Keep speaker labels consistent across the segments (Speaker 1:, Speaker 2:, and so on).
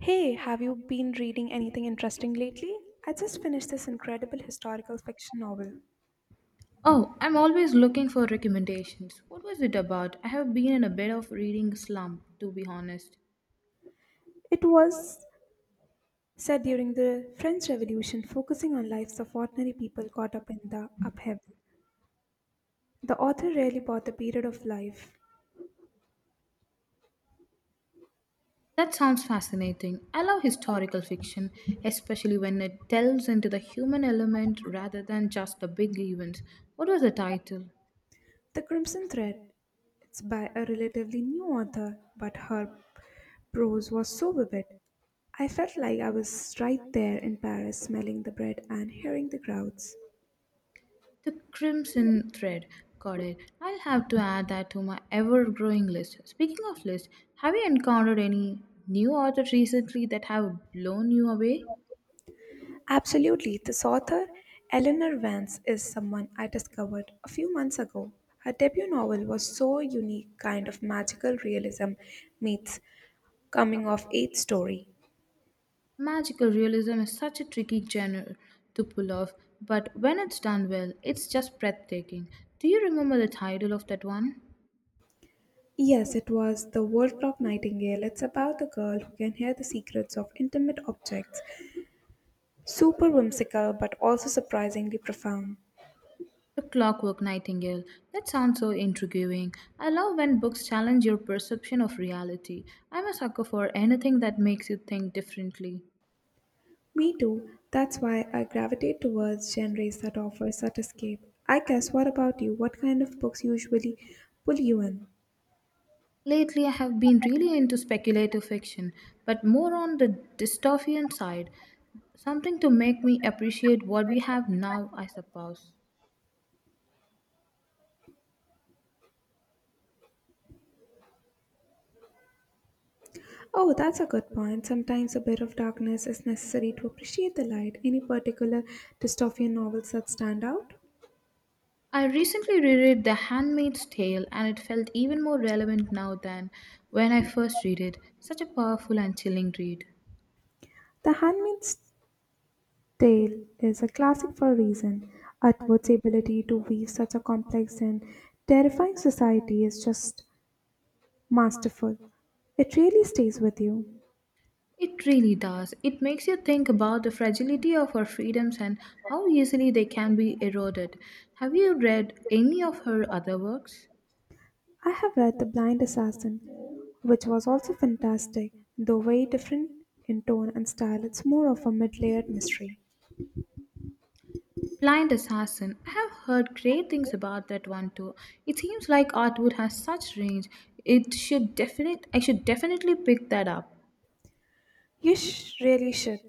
Speaker 1: Hey, have you been reading anything interesting lately? I just finished this incredible historical fiction novel.
Speaker 2: Oh, I'm always looking for recommendations. What was it about? I have been in a bit of reading slump, to be honest.
Speaker 1: It was set during the French Revolution, focusing on lives of ordinary people caught up in the upheaval. The author really bought the period of life.
Speaker 2: That sounds fascinating. I love historical fiction, especially when it delves into the human element rather than just the big events. What was the title?
Speaker 1: The Crimson Thread. It's by a relatively new author, but her prose was so vivid. I felt like I was right there in Paris, smelling the bread and hearing the crowds.
Speaker 2: The Crimson Thread. Got it. I'll have to add that to my ever growing list. Speaking of list, have you encountered any new authors recently that have blown you away?
Speaker 1: Absolutely. This author, Eleanor Vance, is someone I discovered a few months ago. Her debut novel was so unique kind of magical realism meets coming of age story.
Speaker 2: Magical realism is such a tricky genre to pull off, but when it's done well, it's just breathtaking. Do you remember the title of that one?
Speaker 1: Yes, it was The World Clock Nightingale. It's about a girl who can hear the secrets of intimate objects. Super whimsical, but also surprisingly profound.
Speaker 2: The Clockwork Nightingale. That sounds so intriguing. I love when books challenge your perception of reality. I'm a sucker for anything that makes you think differently.
Speaker 1: Me too. That's why I gravitate towards genres that offer such escape. I guess, what about you? What kind of books usually pull you in?
Speaker 2: Lately, I have been really into speculative fiction, but more on the dystopian side. Something to make me appreciate what we have now, I suppose.
Speaker 1: Oh, that's a good point. Sometimes a bit of darkness is necessary to appreciate the light. Any particular dystopian novels that stand out?
Speaker 2: I recently reread The Handmaid's Tale and it felt even more relevant now than when I first read it. Such a powerful and chilling read.
Speaker 1: The Handmaid's Tale is a classic for a reason. Atwood's ability to weave such a complex and terrifying society is just masterful. It really stays with you.
Speaker 2: It really does. It makes you think about the fragility of our freedoms and how easily they can be eroded. Have you read any of her other works?
Speaker 1: I have read The Blind Assassin, which was also fantastic, though very different in tone and style. It's more of a mid layered mystery.
Speaker 2: Blind Assassin. I have heard great things about that one too. It seems like Artwood has such range. It should definite I should definitely pick that up.
Speaker 1: Really should.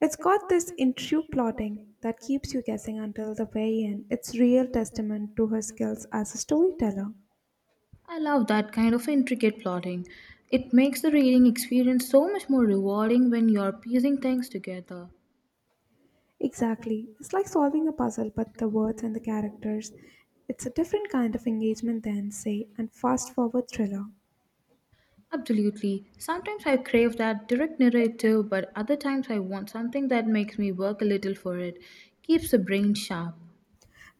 Speaker 1: It's got this intricate plotting that keeps you guessing until the very end. It's real testament to her skills as a storyteller.
Speaker 2: I love that kind of intricate plotting. It makes the reading experience so much more rewarding when you're piecing things together.
Speaker 1: Exactly. It's like solving a puzzle but the words and the characters. It's a different kind of engagement than, say, a fast forward thriller.
Speaker 2: Absolutely. Sometimes I crave that direct narrative, but other times I want something that makes me work a little for it, keeps the brain sharp.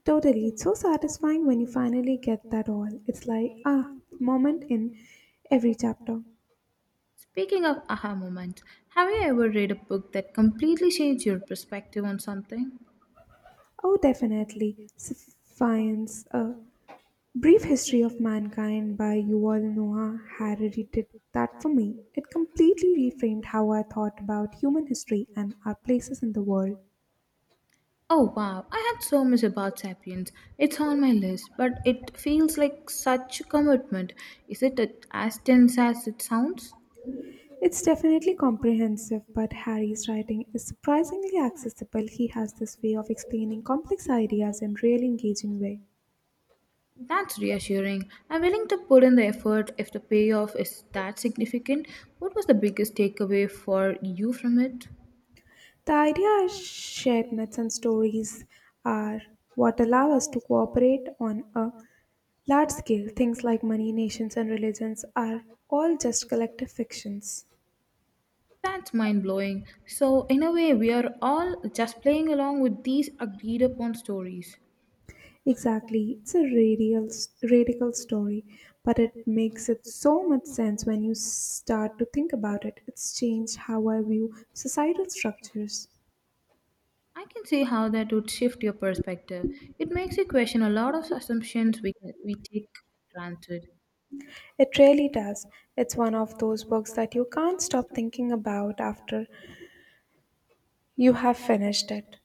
Speaker 1: Totally. It's so satisfying when you finally get that all. It's like, ah, moment in every chapter.
Speaker 2: Speaking of aha moments, have you ever read a book that completely changed your perspective on something?
Speaker 1: Oh, definitely. Science. Brief History of Mankind by Yuval Noah Harari did that for me. It completely reframed how I thought about human history and our places in the world.
Speaker 2: Oh wow, I had so much about Sapiens. It's on my list, but it feels like such a commitment. As dense as it sounds?
Speaker 1: It's definitely comprehensive, but Harry's writing is surprisingly accessible. He has this way of explaining complex ideas in really engaging way.
Speaker 2: That's reassuring. I'm willing to put in the effort if the payoff is that significant. What was the biggest takeaway for you from it?
Speaker 1: The idea is shared myths and stories are what allow us to cooperate on a large scale. Things like money, nations, and religions are all just collective fictions.
Speaker 2: That's mind blowing. So, in a way, we are all just playing along with these agreed upon stories.
Speaker 1: Exactly, it's radical story, but it makes it so much sense when you start to think about it. It's changed how I view societal structures.
Speaker 2: I can see how that would shift your perspective. It makes you question a lot of assumptions we take for granted.
Speaker 1: It really does. It's one of those books that you can't stop thinking about after you have finished it.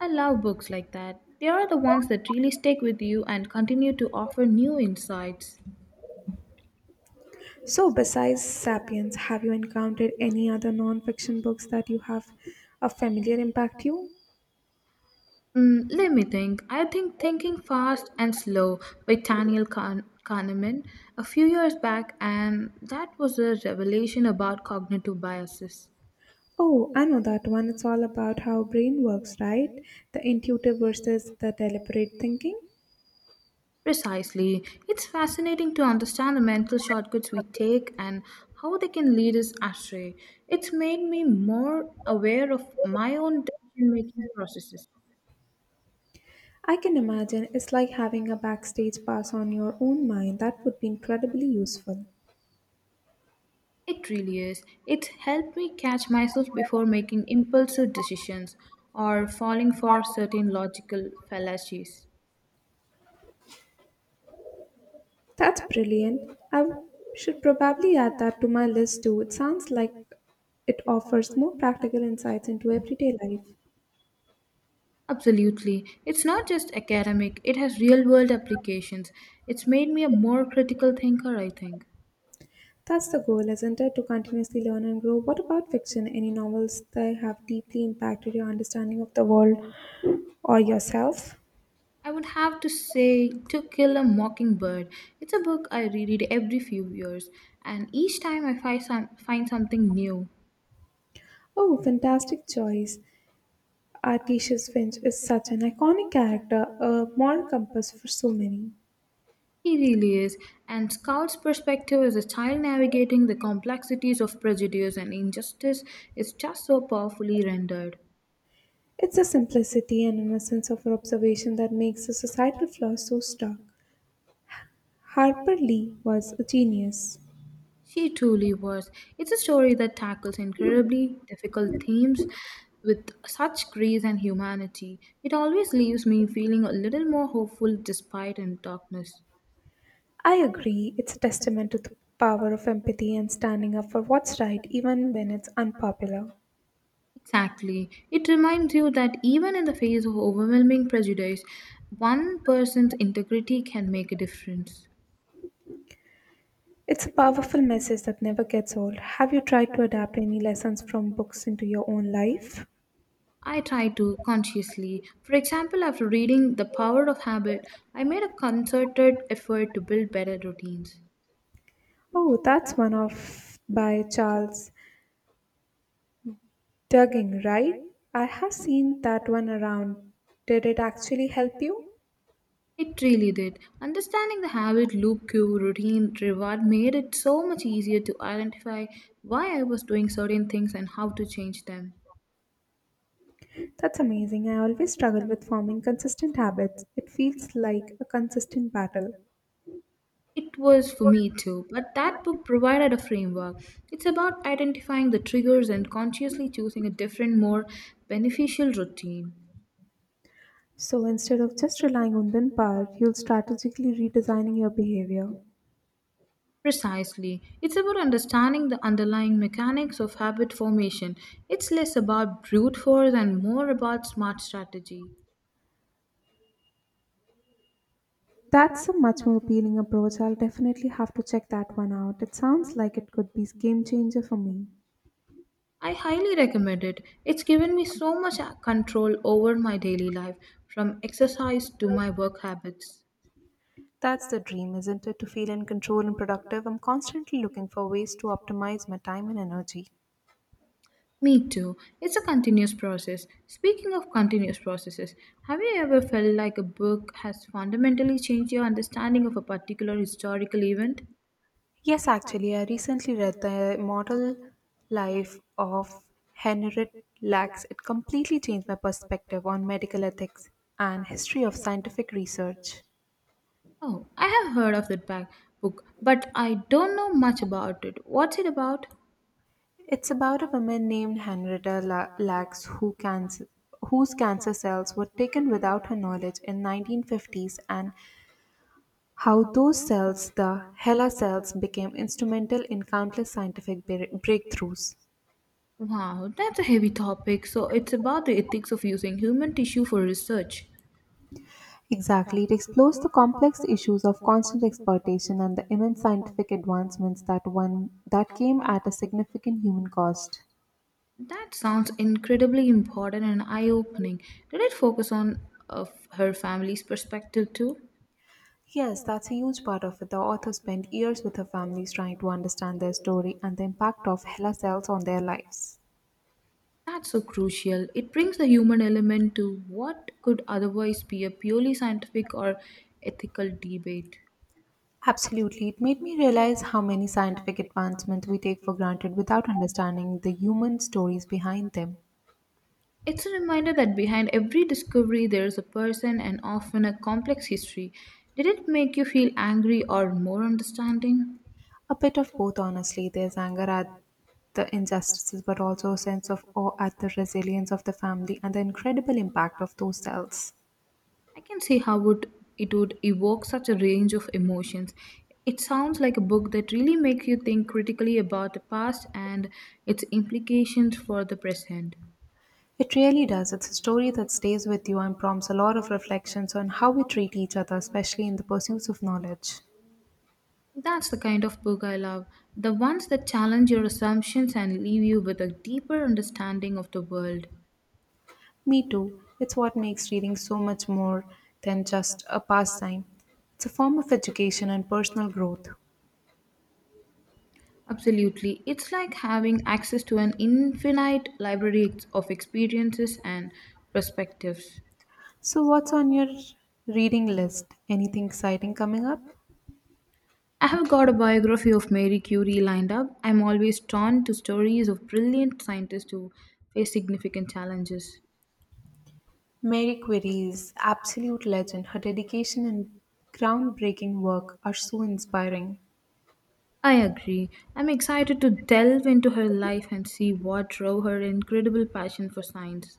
Speaker 2: I love books like that. They are the ones that really stick with you and continue to offer new insights.
Speaker 1: So, besides Sapiens, have you encountered any other non-fiction books that you have a familiar impact you?
Speaker 2: Let me think. I think Thinking Fast and Slow by Kahneman a few years back, and that was a revelation about cognitive biases.
Speaker 1: Oh, I know that one. It's all about how brain works, right? The intuitive versus the deliberate thinking.
Speaker 2: Precisely. It's fascinating to understand the mental shortcuts we take and how they can lead us astray. It's made me more aware of my own decision making processes.
Speaker 1: I can imagine it's like having a backstage pass on your own mind. That would be incredibly useful.
Speaker 2: It really is. It's helped me catch myself before making impulsive decisions or falling for certain logical fallacies.
Speaker 1: That's brilliant. Should probably add that to my list too. It sounds like it offers more practical insights into everyday life.
Speaker 2: Absolutely. It's not just academic, it has real world applications. It's made me a more critical thinker, I think.
Speaker 1: That's the goal, isn't it? To continuously learn and grow. What about fiction? Any novels that have deeply impacted your understanding of the world or yourself?
Speaker 2: I would have to say To Kill a Mockingbird. It's a book I reread every few years, and each time find something new.
Speaker 1: Oh, fantastic choice. Artisius Finch is such an iconic character, a moral compass for so many.
Speaker 2: He really is, and Scout's perspective as a child navigating the complexities of prejudice and injustice is just so powerfully rendered.
Speaker 1: It's the simplicity and innocence of her observation that makes the societal flaws so stark. Harper Lee was a genius.
Speaker 2: She truly was. It's a story that tackles incredibly difficult themes with such grace and humanity. It always leaves me feeling a little more hopeful despite in darkness.
Speaker 1: I agree, it's a testament to the power of empathy and standing up for what's right even when it's unpopular.
Speaker 2: Exactly. It reminds you that even in the face of overwhelming prejudice, one person's integrity can make a difference.
Speaker 1: It's a powerful message that never gets old. Have you tried to adapt any lessons from books into your own life?
Speaker 2: I try to consciously. For example, after reading The Power of Habit, I made a concerted effort to build better routines.
Speaker 1: Oh, that's one of by Charles Duggin, right? I have seen that one around. Did it actually help you?
Speaker 2: It really did. Understanding the habit loop cue routine reward made it so much easier to identify why I was doing certain things and how to change them.
Speaker 1: That's amazing. I always struggle with forming consistent habits. It feels like a consistent battle.
Speaker 2: It was for me too, but that book provided a framework. It's about identifying the triggers and consciously choosing a different, more beneficial routine.
Speaker 1: So instead of just relying on willpower, you'll strategically redesigning your behavior.
Speaker 2: Precisely. It's about understanding the underlying mechanics of habit formation. It's less about brute force and more about smart strategy.
Speaker 1: That's a much more appealing approach. I'll definitely have to check that one out. It sounds like it could be a game changer for me.
Speaker 2: I highly recommend it. It's given me so much control over my daily life, from exercise to my work habits.
Speaker 1: That's the dream, isn't it? To feel in control and productive. I'm constantly looking for ways to optimize my time and energy.
Speaker 2: Me too. It's a continuous process. Speaking of continuous processes, have you ever felt like a book has fundamentally changed your understanding of a particular historical event?
Speaker 1: Yes, actually, I recently read The Model Life of Henriette Lacks. It completely changed my perspective on medical ethics and history of scientific research.
Speaker 2: Oh, I have heard of that bag book, but I don't know much about it. What's it about?
Speaker 1: It's about a woman named Lacks who cancer, whose cancer cells were taken without her knowledge in 1950s and how those cells, the HeLa cells, became instrumental in countless scientific breakthroughs.
Speaker 2: Wow, that's a heavy topic. So it's about the ethics of using human tissue for research.
Speaker 1: Exactly, it explores the complex issues of constant exploitation and the immense scientific advancements that one that came at a significant human cost.
Speaker 2: That sounds incredibly important and eye-opening. Did it focus on Of her family's perspective too?
Speaker 1: Yes, that's a huge part of it. The author spent years with her families trying to understand their story and the impact of HeLa cells on their lives.
Speaker 2: That's so crucial. It brings a human element to what could otherwise be a purely scientific or ethical debate.
Speaker 1: Absolutely. It made me realize how many scientific advancements we take for granted without understanding the human stories behind them.
Speaker 2: It's a reminder that behind every discovery there is a person and often a complex history. Did it make you feel angry or more understanding?
Speaker 1: A bit of both, honestly. There's anger at the injustices, but also a sense of awe at the resilience of the family and the incredible impact of those cells.
Speaker 2: I can see how would It would evoke such a range of emotions. It sounds like a book that really makes you think critically about the past and its implications for the present.
Speaker 1: It really does. It's a story that stays with you and prompts a lot of reflections on how we treat each other, especially in the pursuits of knowledge.
Speaker 2: That's the kind of book I love. The ones that challenge your assumptions and leave you with a deeper understanding of the world.
Speaker 1: Me too. It's what makes reading so much more than just a pastime. It's a form of education and personal growth.
Speaker 2: Absolutely. It's like having access to an infinite of experiences and perspectives.
Speaker 1: So, what's on your reading list? Anything exciting coming up?
Speaker 2: I have got a biography of Mary Curie lined up. I'm always drawn to stories of brilliant scientists who face significant challenges.
Speaker 1: Mary Query is absolute legend. Her dedication and groundbreaking work are so inspiring.
Speaker 2: I agree. I'm excited to delve into her life and see what drove her incredible passion for science.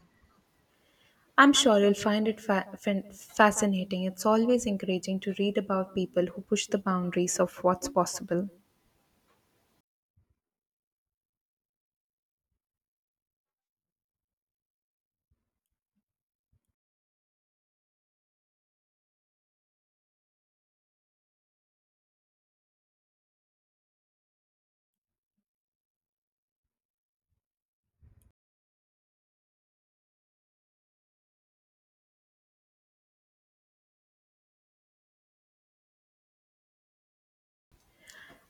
Speaker 1: I'm sure you'll find it fascinating. It's always encouraging to read about people who push the boundaries of what's possible.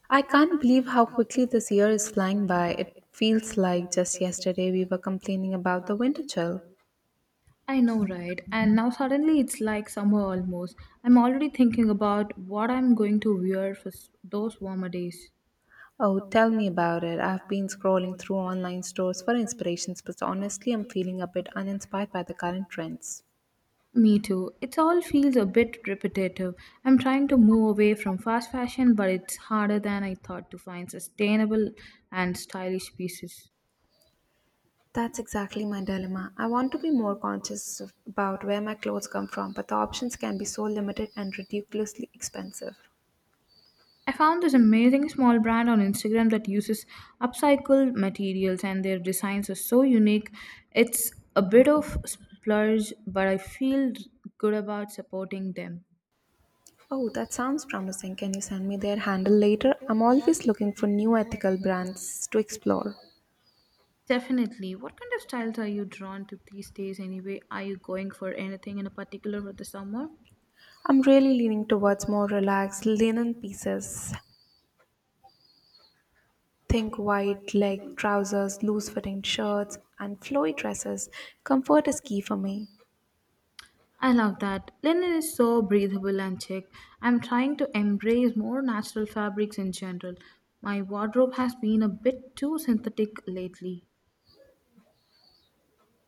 Speaker 1: I can't believe how quickly this year is flying by. It feels like just yesterday we were complaining about the winter chill.
Speaker 2: I know, right? And now suddenly it's like summer almost. I'm already thinking about what I'm going to wear for those warmer days.
Speaker 1: Oh, tell me about it. I've been scrolling through online stores for inspirations, but honestly, I'm feeling a bit uninspired by the current trends.
Speaker 2: Me too. It all feels a bit repetitive. I'm trying to move away from fast fashion, but it's harder than I thought to find sustainable and stylish pieces.
Speaker 1: That's exactly my dilemma. I want to be more about where my clothes come from, but the options can be so limited and ridiculously expensive.
Speaker 2: I found this amazing small brand on Instagram that uses upcycled materials and their designs are so unique. It's a bit of splurge, but I feel good about supporting them.
Speaker 1: Oh, that sounds promising. Can you send me their handle later? I'm always looking for new ethical brands to explore.
Speaker 2: Definitely. What kind of styles are you drawn to these days anyway? Are you going for anything in a particular for the summer?
Speaker 1: I'm really leaning towards more relaxed linen pieces. Think white leg trousers, loose fitting shirts, and flowy dresses. Comfort is key for me.
Speaker 2: I love that. Linen is so breathable and chic. I'm trying to embrace more natural fabrics in general. My wardrobe has been a bit too synthetic lately.